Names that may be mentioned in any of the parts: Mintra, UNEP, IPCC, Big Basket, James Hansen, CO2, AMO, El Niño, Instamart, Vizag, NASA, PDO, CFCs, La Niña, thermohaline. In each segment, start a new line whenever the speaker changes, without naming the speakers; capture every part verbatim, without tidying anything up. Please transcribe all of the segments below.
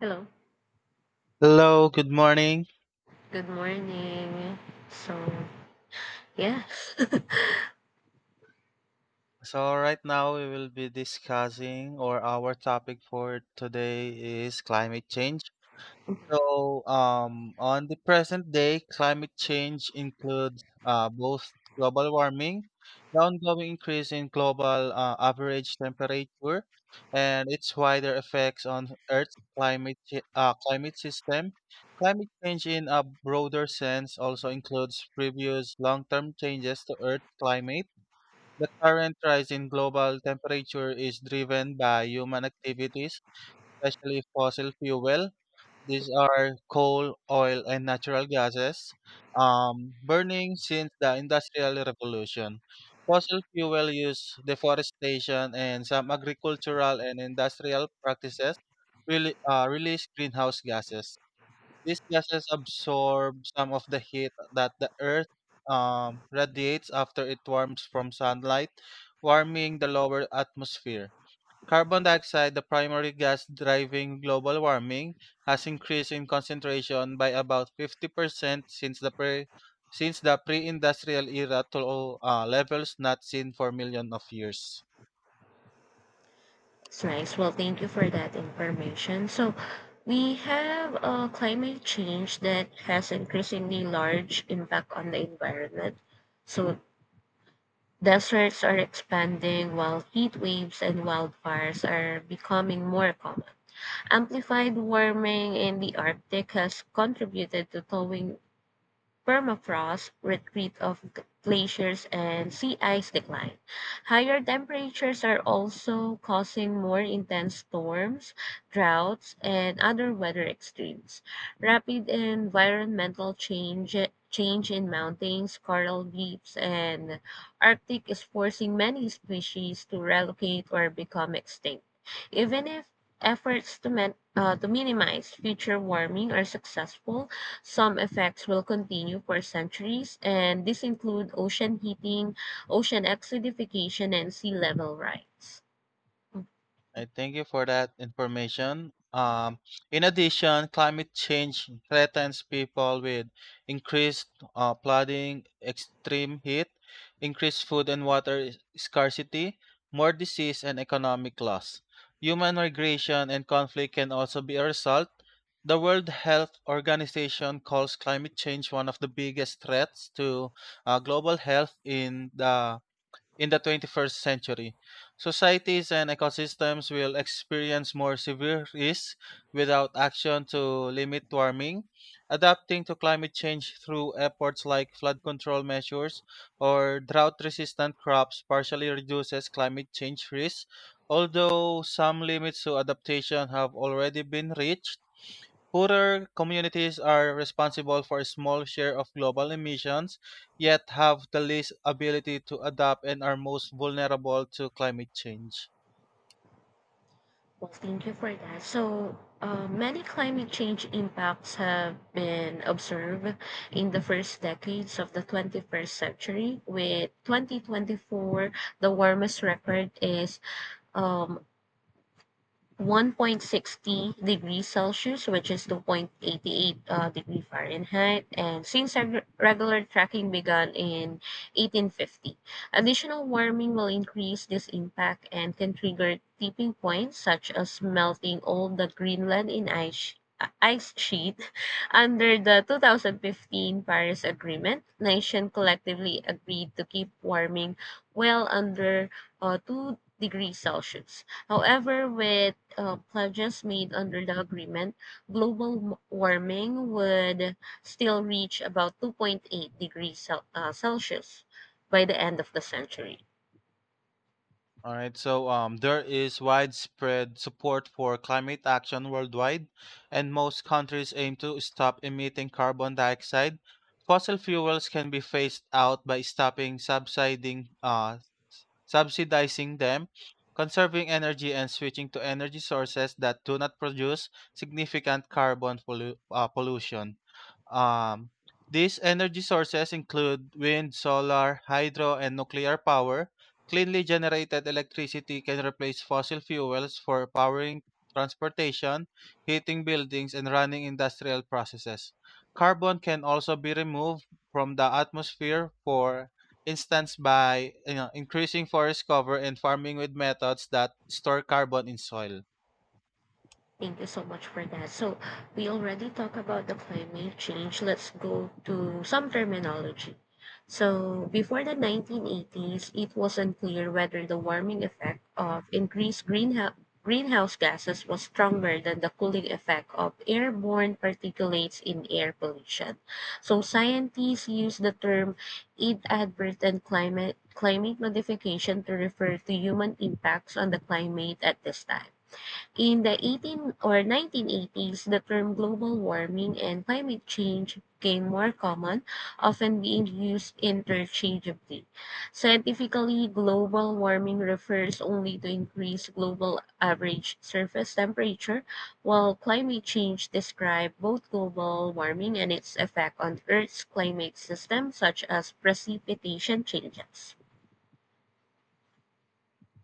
Hello.
Hello, good morning.
Good morning. So, yeah,
So right now we will be discussing or our topic for today is climate change. So um on the present day, climate change includes uh, both global warming, the ongoing increase in global uh, average temperature, and its wider effects on Earth's climate chi- uh, climate system. Climate change in a broader sense also includes previous long-term changes to Earth's climate. The current rise in global temperature is driven by human activities, especially fossil fuel. These are coal, oil, and natural gases um, burning since the Industrial Revolution. Fossil fuel use, deforestation, and some agricultural and industrial practices really, uh, release greenhouse gases. These gases absorb some of the heat that the Earth um, radiates after it warms from sunlight, warming the lower atmosphere. Carbon dioxide, the primary gas driving global warming, has increased in concentration by about fifty percent since the pre since the pre-industrial era to uh, levels not seen for millions of years.
it's nice. Well, thank you for that information. So, we have uh, climate change that has increasingly large impact on the environment. So, deserts are expanding while heat waves and wildfires are becoming more common. Amplified warming in the Arctic has contributed to thawing permafrost, retreat of g- glaciers, and sea ice decline. Higher temperatures are also causing more intense storms, droughts, and other weather extremes. Rapid environmental change change in mountains, coral reefs, and Arctic is forcing many species to relocate or become extinct. Even if efforts to, men, uh, to minimize future warming are successful, some effects will continue for centuries, and these include ocean heating, ocean acidification, and sea level rise.
I thank you for that information. Um, in addition, climate change threatens people with increased uh, flooding, extreme heat, increased food and water is- scarcity, more disease, and economic loss. Human migration and conflict can also be a result. The World Health Organization calls climate change one of the biggest threats to uh, global health in the in the twenty-first century. Societies and ecosystems will experience more severe risks without action to limit warming. Adapting to climate change through efforts like flood control measures or drought resistant crops partially reduces climate change risks, although some limits to adaptation have already been reached. Poorer communities are responsible for a small share of global emissions, yet have the least ability to adapt and are most vulnerable to climate change.
Well, thank you for that. So, uh, many climate change impacts have been observed in the first decades of the twenty-first century, with twenty twenty-four the warmest record is um, one point sixty degrees Celsius, which is two point eighty eight uh, degree Fahrenheit. And since reg- regular tracking began in eighteen fifty, additional warming will increase this impact and can trigger tipping points such as melting all the Greenland in ice, sh- uh, ice sheet. Under the twenty fifteen Paris Agreement, nations collectively agreed to keep warming well under uh, two degrees Celsius. However, with uh, pledges made under the agreement, global m- warming would still reach about two point eight degrees Cel- uh, Celsius by the end of the century.
All right, so um, there is widespread support for climate action worldwide, and most countries aim to stop emitting carbon dioxide. Fossil fuels can be phased out by stopping subsidizing, uh, subsidizing them, conserving energy, and switching to energy sources that do not produce significant carbon pollu- uh, pollution. Um, these energy sources include wind, solar, hydro, and nuclear power. Cleanly generated electricity can replace fossil fuels for powering transportation, heating buildings, and running industrial processes. Carbon can also be removed from the atmosphere, for instance, by you know, increasing forest cover and farming with methods that store carbon in soil.
Thank you so much for that. So we already talked about the climate change. Let's go to some terminology. So before the nineteen eighties, it was unclear whether the warming effect of increased greenhouse greenhouse gases was stronger than the cooling effect of airborne particulates in air pollution. So scientists use the term inadvertent climate climate modification to refer to human impacts on the climate at this time. In the eighteen or nineteen eighties, the term global warming and climate change became more common, often being used interchangeably. Scientifically, global warming refers only to increased global average surface temperature, while climate change describes both global warming and its effect on Earth's climate system, such as precipitation changes.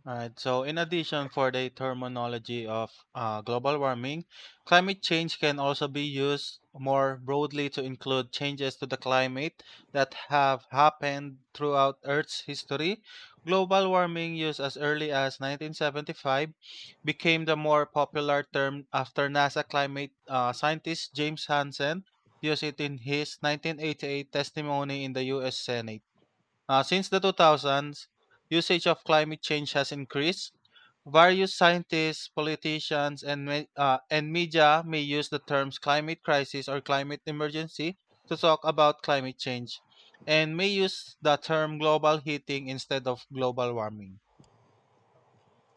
Alright, so in addition for the terminology of uh, global warming, climate change can also be used more broadly to include changes to the climate that have happened throughout Earth's history. Global warming, used as early as nineteen seventy-five, became the more popular term after NASA climate uh, scientist James Hansen used it in his nineteen eighty-eight testimony in the U S. Senate. Uh, since the two thousands, usage of climate change has increased. Various scientists, politicians, and, me- uh, and media may use the terms climate crisis or climate emergency to talk about climate change, and may use the term global heating instead of global warming.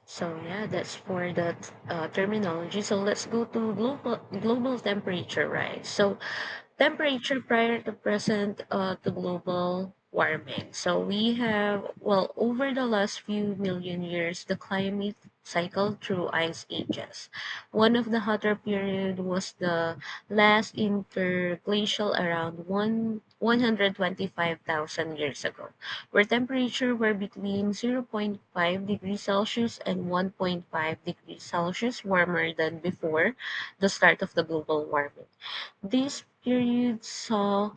So yeah, that's for the uh, terminology. So let's go to global global temperature rise. So temperature prior to present uh, to global warming. So we have, well, over the last few million years, the climate cycled through ice ages. One of the hotter period was the last interglacial around one. 125,000 years ago, where temperature were between zero point zero point five degrees Celsius and one point five degrees Celsius warmer than before the start of the global warming. This period saw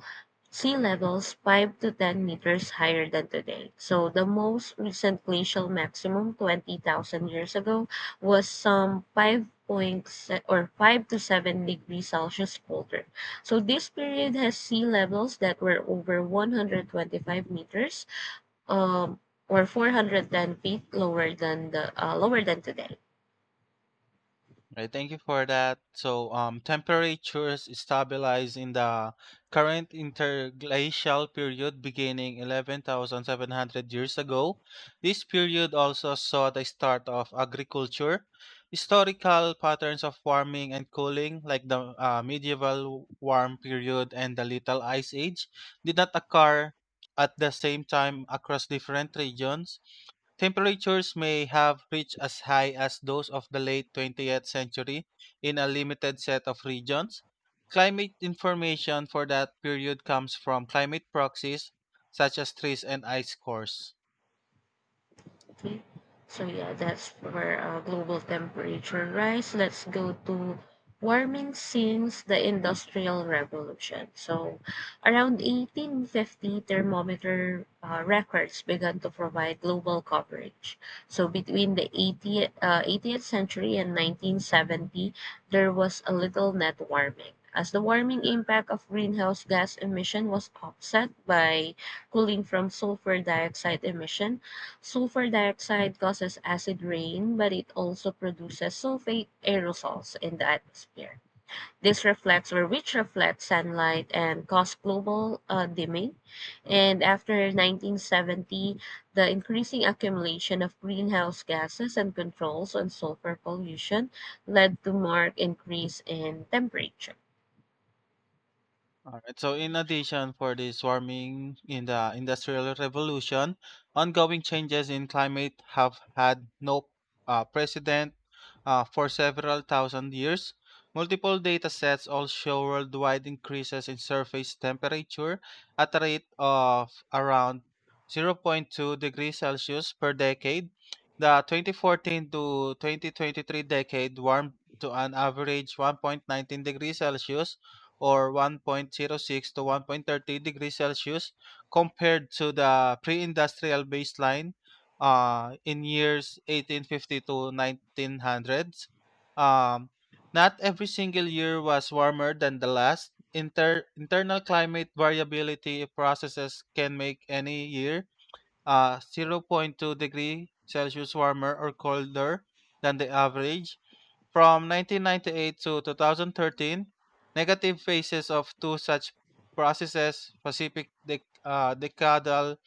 sea levels five to ten meters higher than today. So the most recent glacial maximum, twenty thousand years ago, was some five point se- or five to seven degrees Celsius colder. So this period has sea levels that were over one hundred twenty-five meters, um, or four hundred ten feet lower than the uh, lower than today.
Right, thank you for that. So um, temperatures stabilize in the current interglacial period beginning eleven thousand seven hundred years ago. This period also saw the start of agriculture. Historical patterns of warming and cooling, like the uh, medieval warm period and the Little Ice Age, did not occur at the same time across different regions. Temperatures may have reached as high as those of the late twentieth century in a limited set of regions. Climate information for that period comes from climate proxies such as trees and ice cores.
Okay. So yeah, that's for uh, global temperature rise. Let's go to warming since the Industrial Revolution. So around eighteen fifty, thermometer uh, records began to provide global coverage. So between the 80th uh, eighteenth century and nineteen seventy, there was a little net warming, as the warming impact of greenhouse gas emission was offset by cooling from sulfur dioxide emission. Sulfur dioxide causes acid rain, but it also produces sulfate aerosols in the atmosphere. This reflects or which reflects sunlight and cause global uh, dimming. And after nineteen seventy, the increasing accumulation of greenhouse gases and controls on sulfur pollution led to marked increase in temperature.
All right. So in addition for this warming in the Industrial Revolution, ongoing changes in climate have had no uh, precedent uh, for several thousand years. Multiple data sets all show worldwide increases in surface temperature at a rate of around zero point zero point two degrees Celsius per decade. The twenty fourteen to twenty twenty-three decade warmed to an average one point one nine degrees Celsius or one point zero six to one point three zero degrees Celsius compared to the pre-industrial baseline uh, in years eighteen fifty to nineteen hundreds. Um, Not every single year was warmer than the last. Inter- internal climate variability processes can make any year uh, zero point zero point two degree Celsius warmer or colder than the average. From nineteen ninety-eight to twenty thirteen, negative phases of two such processes, Pacific dec- uh, Decadal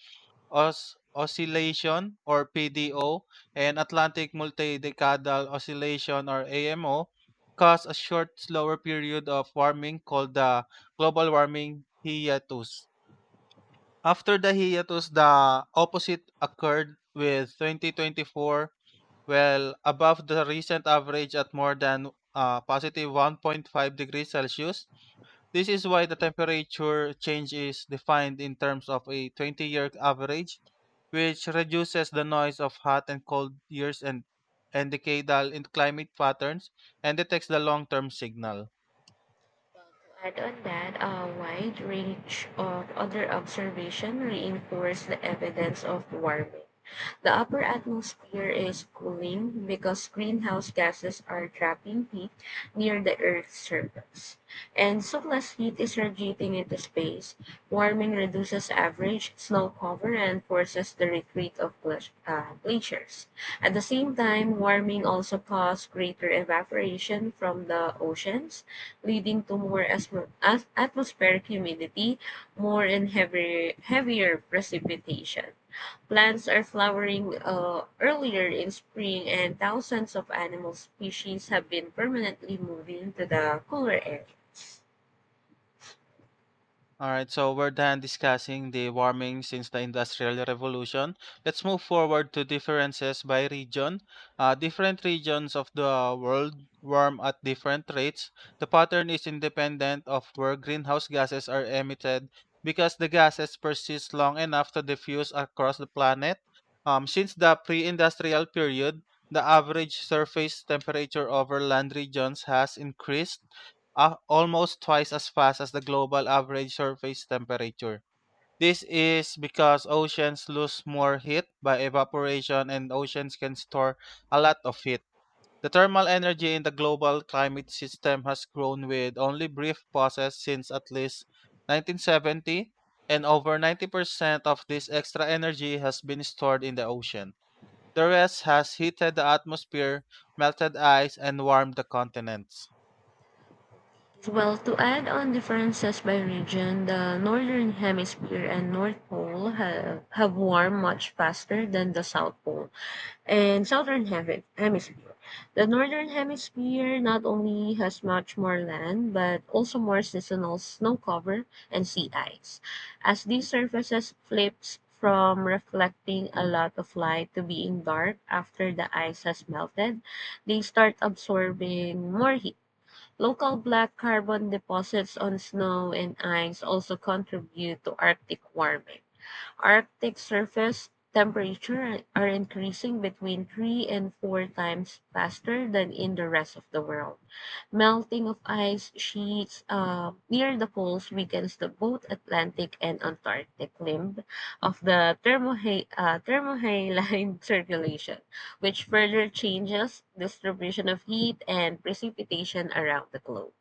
os- Oscillation or P D O and Atlantic Multi-Decadal Oscillation or A M O, cause a short, slower period of warming called the global warming hiatus. After the hiatus, the opposite occurred with twenty twenty-four well above the recent average at more than uh, positive one point five degrees Celsius. This is why the temperature change is defined in terms of a twenty year average, which reduces the noise of hot and cold years and, and decadal in climate patterns and detects the long term signal.
Well, add on that, a wide range of other observation reinforce the evidence of warming. The upper atmosphere is cooling because greenhouse gases are trapping heat near the Earth's surface, and so less heat is radiating into space. Warming reduces average snow cover and forces the retreat of glac- uh, glaciers. At the same time, warming also causes greater evaporation from the oceans, leading to more asmo- as- atmospheric humidity, more and heavier, heavier precipitation. Plants are flowering uh, earlier in spring, and thousands of animal species have been permanently moving to the cooler air.
All right, so we're done discussing the warming since the Industrial Revolution. Let's move forward to differences by region. Uh, different regions of the world warm at different rates. The pattern is independent of where greenhouse gases are emitted because the gases persist long enough to diffuse across the planet. Um, since the pre industrial period, the average surface temperature over land regions has increased uh, almost twice as fast as the global average surface temperature. This is because oceans lose more heat by evaporation and oceans can store a lot of heat. The thermal energy in the global climate system has grown with only brief pauses since at least nineteen seventy, and over ninety percent of this extra energy has been stored in the ocean. The rest has heated the atmosphere, melted ice, and warmed the continents.
Well, to add on differences by region, the northern hemisphere and North Pole have, have warmed much faster than the South Pole and southern Hemi- hemisphere. The northern hemisphere not only has much more land but also more seasonal snow cover and sea ice. As these surfaces flips from reflecting a lot of light to being dark after the ice has melted, they start absorbing more heat. Local black carbon deposits on snow and ice also contribute to Arctic warming. Arctic surface temperature are increasing between three and four times faster than in the rest of the world. Melting of ice sheets uh, near the poles weakens the both Atlantic and Antarctic limb of the thermoha- uh, thermohaline circulation, which further changes distribution of heat and precipitation around the globe.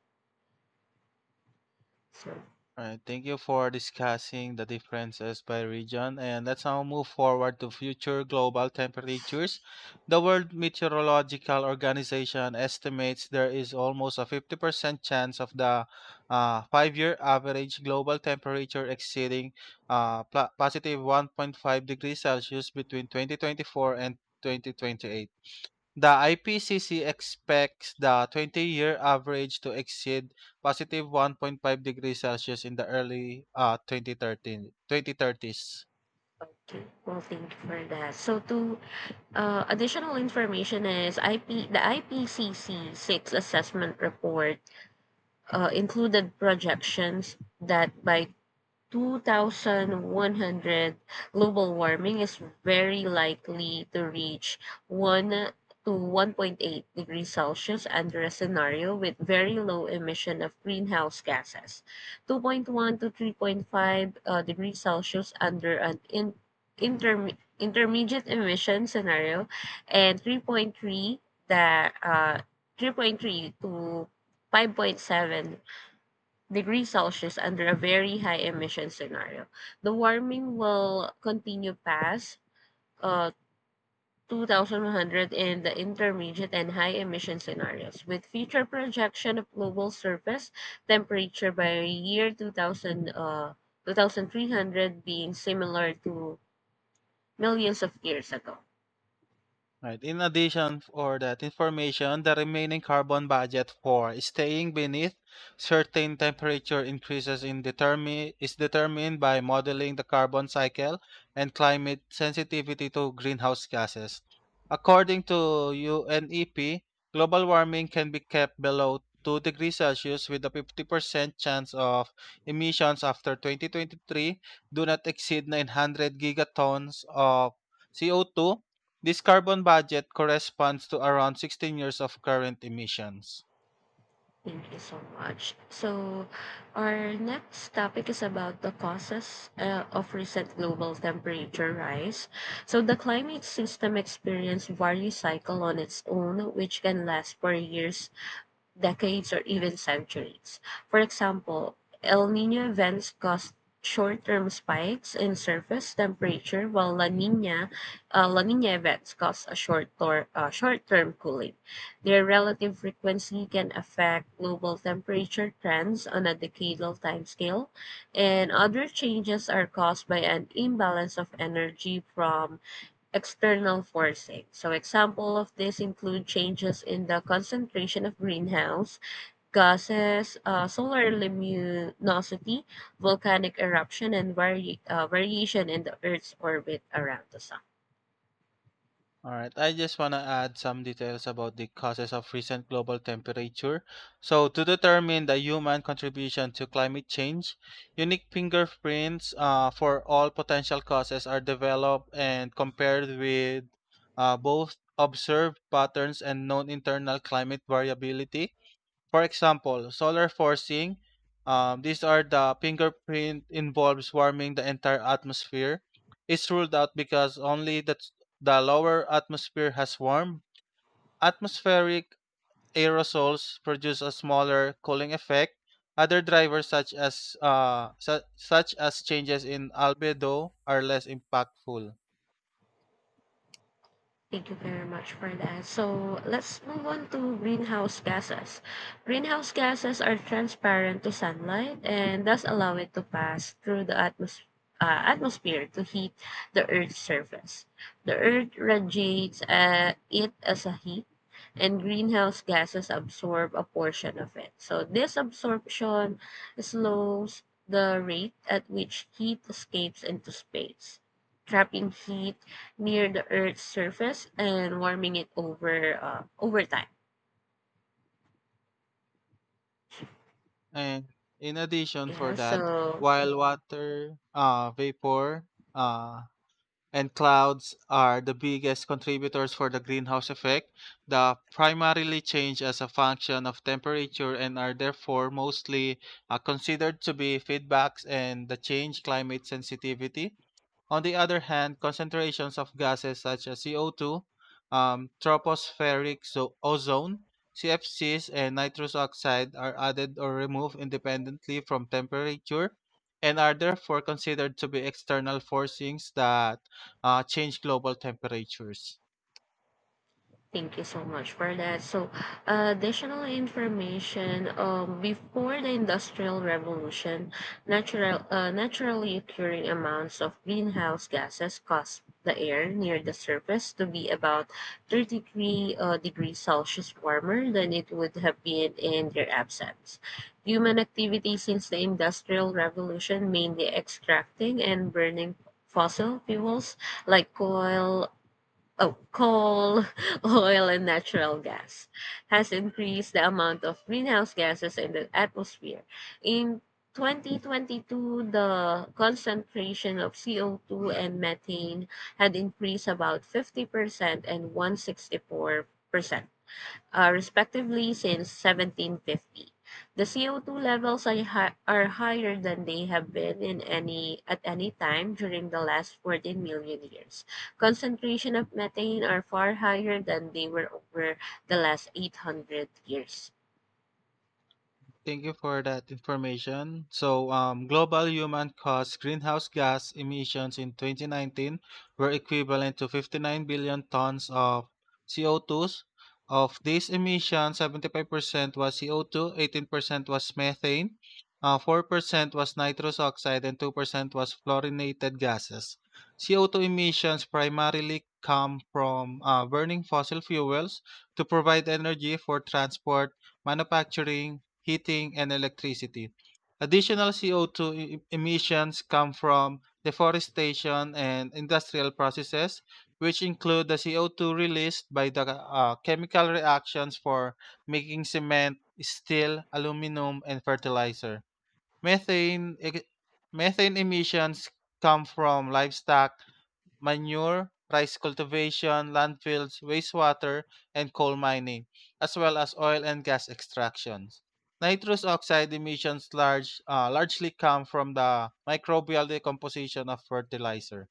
So,
Alright, thank you for discussing the differences by region. And let's now move forward to future global temperatures. The World Meteorological Organization estimates there is almost a fifty percent chance of the uh, five year average global temperature exceeding uh, pla- positive one point five degrees Celsius between twenty twenty-four and twenty twenty-eight. The I P C C expects the twenty-year average to exceed positive one point five degrees Celsius in the early uh, 2013, twenty thirties.
okay, well, thank you for that. So, to Uh, additional information is I P, the I P C C six assessment report uh, included projections that by two thousand one hundred, global warming is very likely to reach one to one point eight degrees Celsius under a scenario with very low emission of greenhouse gases, two point one to three point five uh, degrees Celsius under an in, interme- intermediate emission scenario, and three point three that uh, three point three to five point seven degrees Celsius under a very high emission scenario. The warming will continue past uh, two thousand one hundred in the intermediate and high emission scenarios, with future projection of global surface temperature by year two thousand, uh, twenty-three hundred being similar to millions of years ago.
Right. In addition for that information, the remaining carbon budget for staying beneath certain temperature increases in determi- is determined by modeling the carbon cycle and climate sensitivity to greenhouse gases. According to UNEP, global warming can be kept below two degrees Celsius with a fifty percent chance of emissions after twenty twenty-three do not exceed nine hundred gigatons of C O two. This carbon budget corresponds to around sixteen years of current emissions.
Thank you so much. So, our next topic is about the causes uh, of recent global temperature rise. So, the climate system experience value cycle on its own, which can last for years, decades, or even centuries. For example, El Nino events cause short-term spikes in surface temperature, while La Nina, uh, La Nina events cause a short tor- uh, short-term cooling. Their relative frequency can affect global temperature trends on a decadal timescale, and other changes are caused by an imbalance of energy from external forcing. So example of this include changes in the concentration of greenhouse gases, uh, solar luminosity, volcanic eruption, and vari- uh, variation in the Earth's orbit around the sun.
All right, I just want to add some details about the causes of recent global temperature. So, to determine the human contribution to climate change, unique fingerprints uh, for all potential causes are developed and compared with uh, both observed patterns and known internal climate variability. For example, solar forcing, um, these are the fingerprint involves warming the entire atmosphere. It's ruled out because only the, the lower atmosphere has warm. Atmospheric aerosols produce a smaller cooling effect. Other drivers such as uh, su- such as changes in albedo are less impactful.
Thank you very much for that. So let's move on to greenhouse gases. Greenhouse gases are transparent to sunlight and thus allow it to pass through the atmos- uh, atmosphere to heat the Earth's surface. The Earth radiates uh, it as a heat, and greenhouse gases absorb a portion of it. So this absorption slows the rate at which heat escapes into space, trapping heat near the Earth's surface and warming it over uh, over time.
And in addition for
Yeah,
that,
so
while water uh, vapor uh, and clouds are the biggest contributors for the greenhouse effect. They primarily change as a function of temperature and are therefore mostly uh, considered to be feedbacks and the change climate sensitivity. On the other hand, concentrations of gases such as C O two, um, tropospheric so- ozone, C F Cs, and nitrous oxide are added or removed independently from temperature and are therefore considered to be external forcings that uh, change global temperatures.
thank you so much for that. So, uh, additional information. Um, before the Industrial Revolution, natural, uh, naturally occurring amounts of greenhouse gases caused the air near the surface to be about thirty-three uh, degrees Celsius warmer than it would have been in their absence. Human activity since the Industrial Revolution, mainly extracting and burning fossil fuels like coal, oh, coal, oil, and natural gas has increased the amount of greenhouse gases in the atmosphere. In twenty twenty-two, the concentration of C O two and methane had increased about fifty percent and one hundred sixty-four percent, uh, respectively since seventeen fifty. The C O two levels are, hi- are higher than they have been in any at any time during the last fourteen million years. Concentration of methane are far higher than they were over the last eight hundred years.
Thank you for that information. So um, global human caused greenhouse gas emissions in twenty nineteen were equivalent to fifty-nine billion tons of C O twos. Of these emissions, seventy-five percent was C O two, eighteen percent was methane, uh, four percent was nitrous oxide, and two percent was fluorinated gases. C O two emissions primarily come from uh, burning fossil fuels to provide energy for transport manufacturing, heating, and electricity. Additional C O two e- e-, emissions come from deforestation and industrial processes, which include the C O two released by the uh, chemical reactions for making cement, steel, aluminum, and fertilizer. Methane, e- methane emissions come from livestock, manure, rice cultivation, landfills, wastewater, and coal mining, as well as oil and gas extractions. Nitrous oxide emissions large, uh, largely come from the microbial decomposition of fertilizer.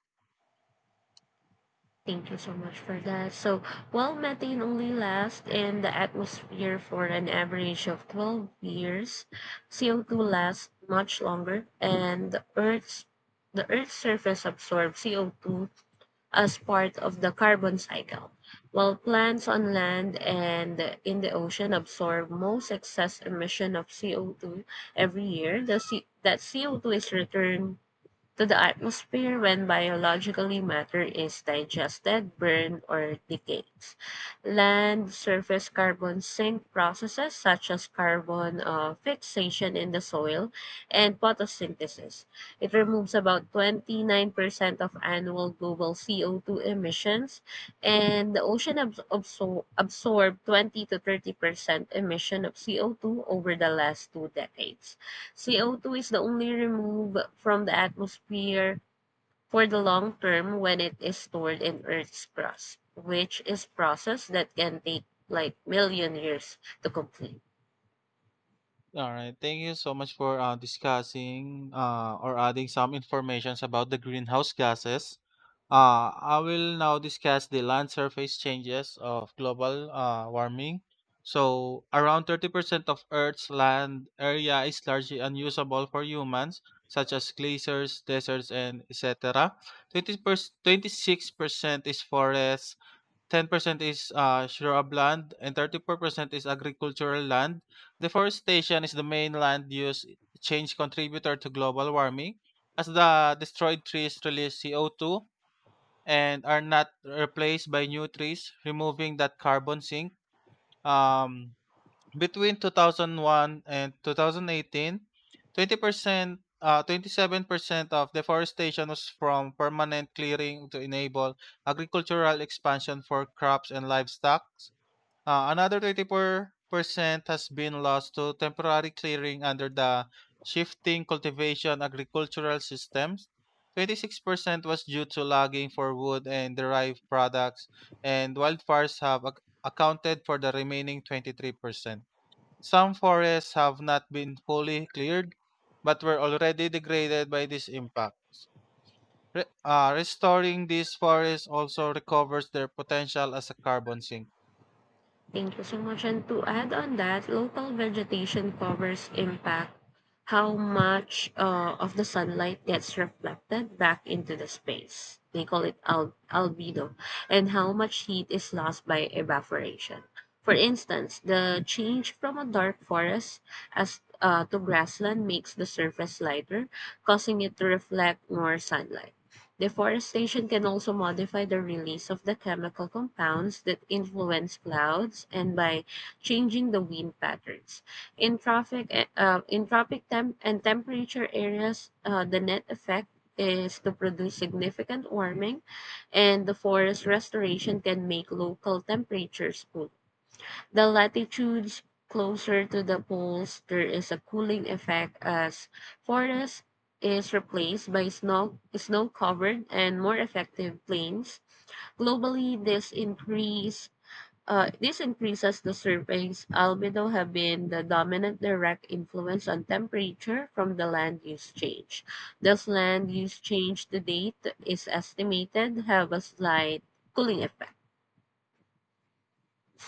Thank you so much for that. So, while methane only lasts in the atmosphere for an average of twelve years, C O two lasts much longer, and the Earth's the Earth's surface absorbs C O two as part of the carbon cycle, while plants on land and in the ocean absorb most excess emission of C O two every year. The C, that C O two is returned to the atmosphere when biologically matter is digested, burned, or decays. Land surface carbon sink processes such as carbon uh, fixation in the soil and photosynthesis. It removes about twenty-nine percent of annual global C O two emissions, and the ocean abs- absor- absorbed twenty to thirty percent emission of C O two over the last two decades. C O two is the only removed from the atmosphere for the long term when it is stored in Earth's crust, which is process that can take like million years to complete.
Alright, thank you so much for uh, discussing uh, or adding some informations about the greenhouse gases. Uh, I will now discuss the land surface changes of global uh, warming. So, around thirty percent of Earth's land area is largely unusable for humans, such as glaciers, deserts, and et cetera 20 twenty-six percent is forests, ten percent is uh, shrubland and thirty-four percent is agricultural land. Deforestation is the main land use change contributor to global warming as the destroyed trees release C O two and are not replaced by new trees, removing that carbon sink. Um, Between two thousand one and two thousand eighteen, twenty percent uh, twenty-seven percent of deforestation was from permanent clearing to enable agricultural expansion for crops and livestock. Uh, another thirty-four percent has been lost to temporary clearing under the shifting cultivation agricultural systems. twenty-six percent was due to logging for wood and derived products, and wildfires have ac- accounted for the remaining twenty-three percent. Some forests have not been fully cleared, but were already degraded by this impact. Re- uh, restoring these forests also recovers their potential as a carbon sink.
Thank you so much. And to add on that, local vegetation covers impact how much uh, of the sunlight gets reflected back into the space. They call it al- albedo, and how much heat is lost by evaporation. For instance, the change from a dark forest as uh, to grassland makes the surface lighter, causing it to reflect more sunlight. Deforestation can also modify the release of the chemical compounds that influence clouds and by changing the wind patterns. In tropic, eh, uh, in tropic temp and temperature areas, uh, the net effect is to produce significant warming, and the forest restoration can make local temperatures cool. The latitudes closer to the poles, there is a cooling effect as forest is replaced by snow snow-covered and more effective plains. Globally, this increase uh, this increases the surface albedo have been the dominant direct influence on temperature from the land use change. Thus, land use change to date is estimated have a slight cooling effect.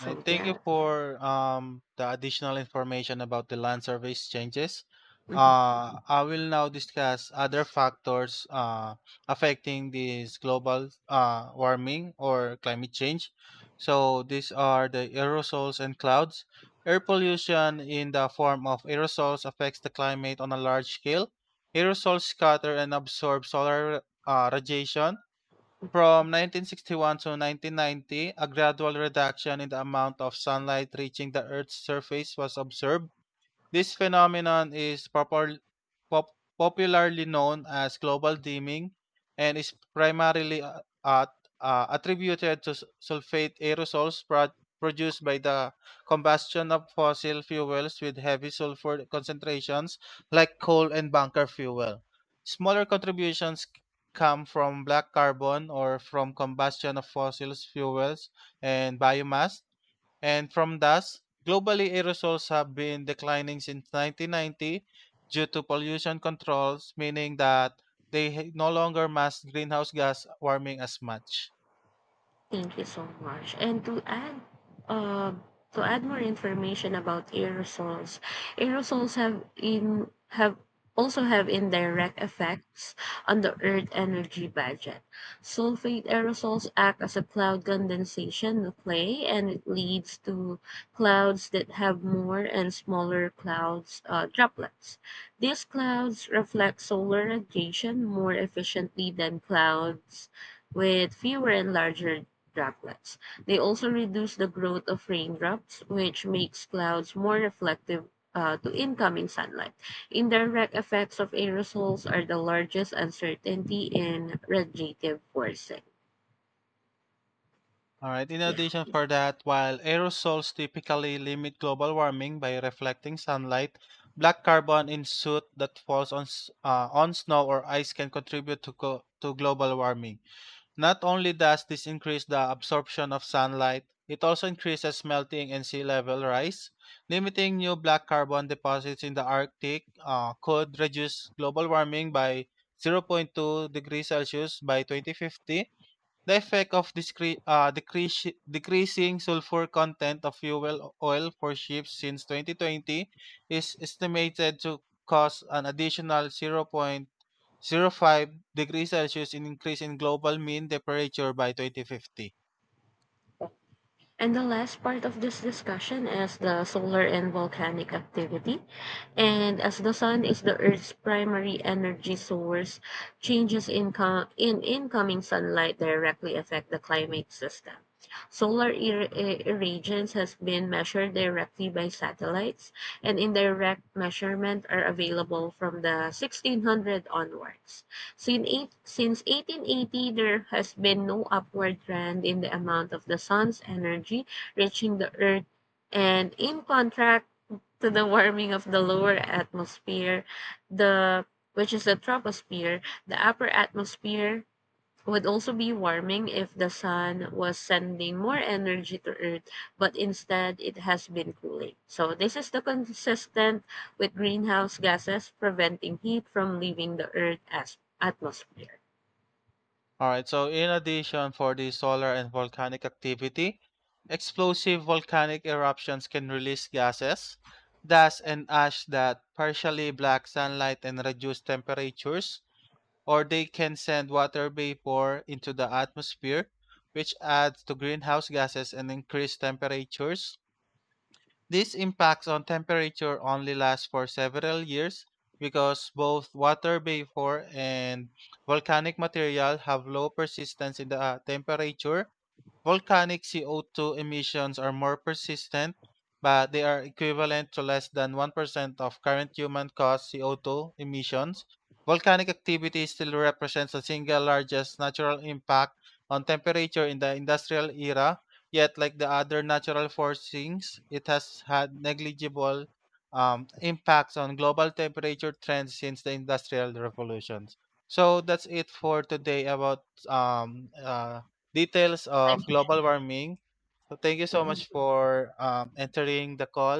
I thank you
yeah.
for um, the additional information about the land surveys changes.
Mhm.
Uh, I will now discuss other factors uh, affecting this global uh, warming or climate change. So these are the aerosols and clouds. Air pollution in the form of aerosols affects the climate on a large scale. Aerosols scatter and absorb solar uh, radiation. From nineteen sixty-one to nineteen ninety, a gradual reduction in the amount of sunlight reaching the Earth's surface was observed. This phenomenon is popul- pop- popularly known as global dimming and is primarily uh, at, uh, attributed to s- sulfate aerosols pro- produced by the combustion of fossil fuels with heavy sulfur concentrations like coal and bunker fuel. Smaller contributions c- come from black carbon or from combustion of fossil fuels and biomass and from thus, globally aerosols have been declining since nineteen ninety due to pollution controls, meaning that they ha- no longer mass greenhouse gas warming as much.
Thank you so much. And to add, uh, to add more information about aerosols, aerosols have in have also have indirect effects on the Earth energy budget. Sulfate aerosols act as a cloud condensation nuclei, and it leads to clouds that have more and smaller clouds uh, droplets. These clouds reflect solar radiation more efficiently than clouds with fewer and larger droplets. They also reduce the growth of raindrops, which makes clouds more reflective uh, to incoming sunlight. Indirect effects of aerosols are the largest uncertainty in radiative forcing.
All right. In
Yeah.
addition for that, while aerosols typically limit global warming by reflecting sunlight, black carbon in soot that falls on s- uh, on snow or ice can contribute to co- to global warming. Not only does this increase the absorption of sunlight, it also increases melting and sea level rise. Limiting new black carbon deposits in the Arctic uh, could reduce global warming by zero point two degrees Celsius by twenty fifty. The effect of discre- uh, decrease, decreasing sulfur content of fuel oil for ships since twenty twenty is estimated to cause an additional zero point zero 0.05 degrees Celsius in increase in global mean temperature by twenty fifty.
And the last part of this discussion is the solar and volcanic activity. And as the sun is the Earth's primary energy source, changes in, co- in incoming sunlight directly affect the climate system. Solar ir- i- irradiance has been measured directly by satellites, and indirect measurements are available from the sixteen hundred onwards. Since, eight, since eighteen eighty, there has been no upward trend in the amount of the sun's energy reaching the Earth. And in contrast to the warming of the lower atmosphere, the which is the troposphere, the upper atmosphere would also be warming if the sun was sending more energy to Earth, but instead it has been cooling. So this is the consistent with greenhouse gases preventing heat from leaving the Earth as atmosphere.
All right, so in addition for the solar and volcanic activity, explosive volcanic eruptions can release gases, dust, and ash that partially block sunlight and reduce temperatures or they can send water vapor into the atmosphere, which adds to greenhouse gases and increase temperatures. These impacts on temperature only last for several years because both water vapor and volcanic material have low persistence in the uh, temperature. Volcanic C O two emissions are more persistent, but they are equivalent to less than one percent of current human caused C O two emissions. Volcanic activity still represents the single largest natural impact on temperature in the industrial era, yet, like the other natural forcings, it has had negligible um, impacts on global temperature trends since the industrial revolutions. So that's it for today about um, uh, details
I
of
mean,
global warming. So thank you so
mhm.
much for um, entering the call.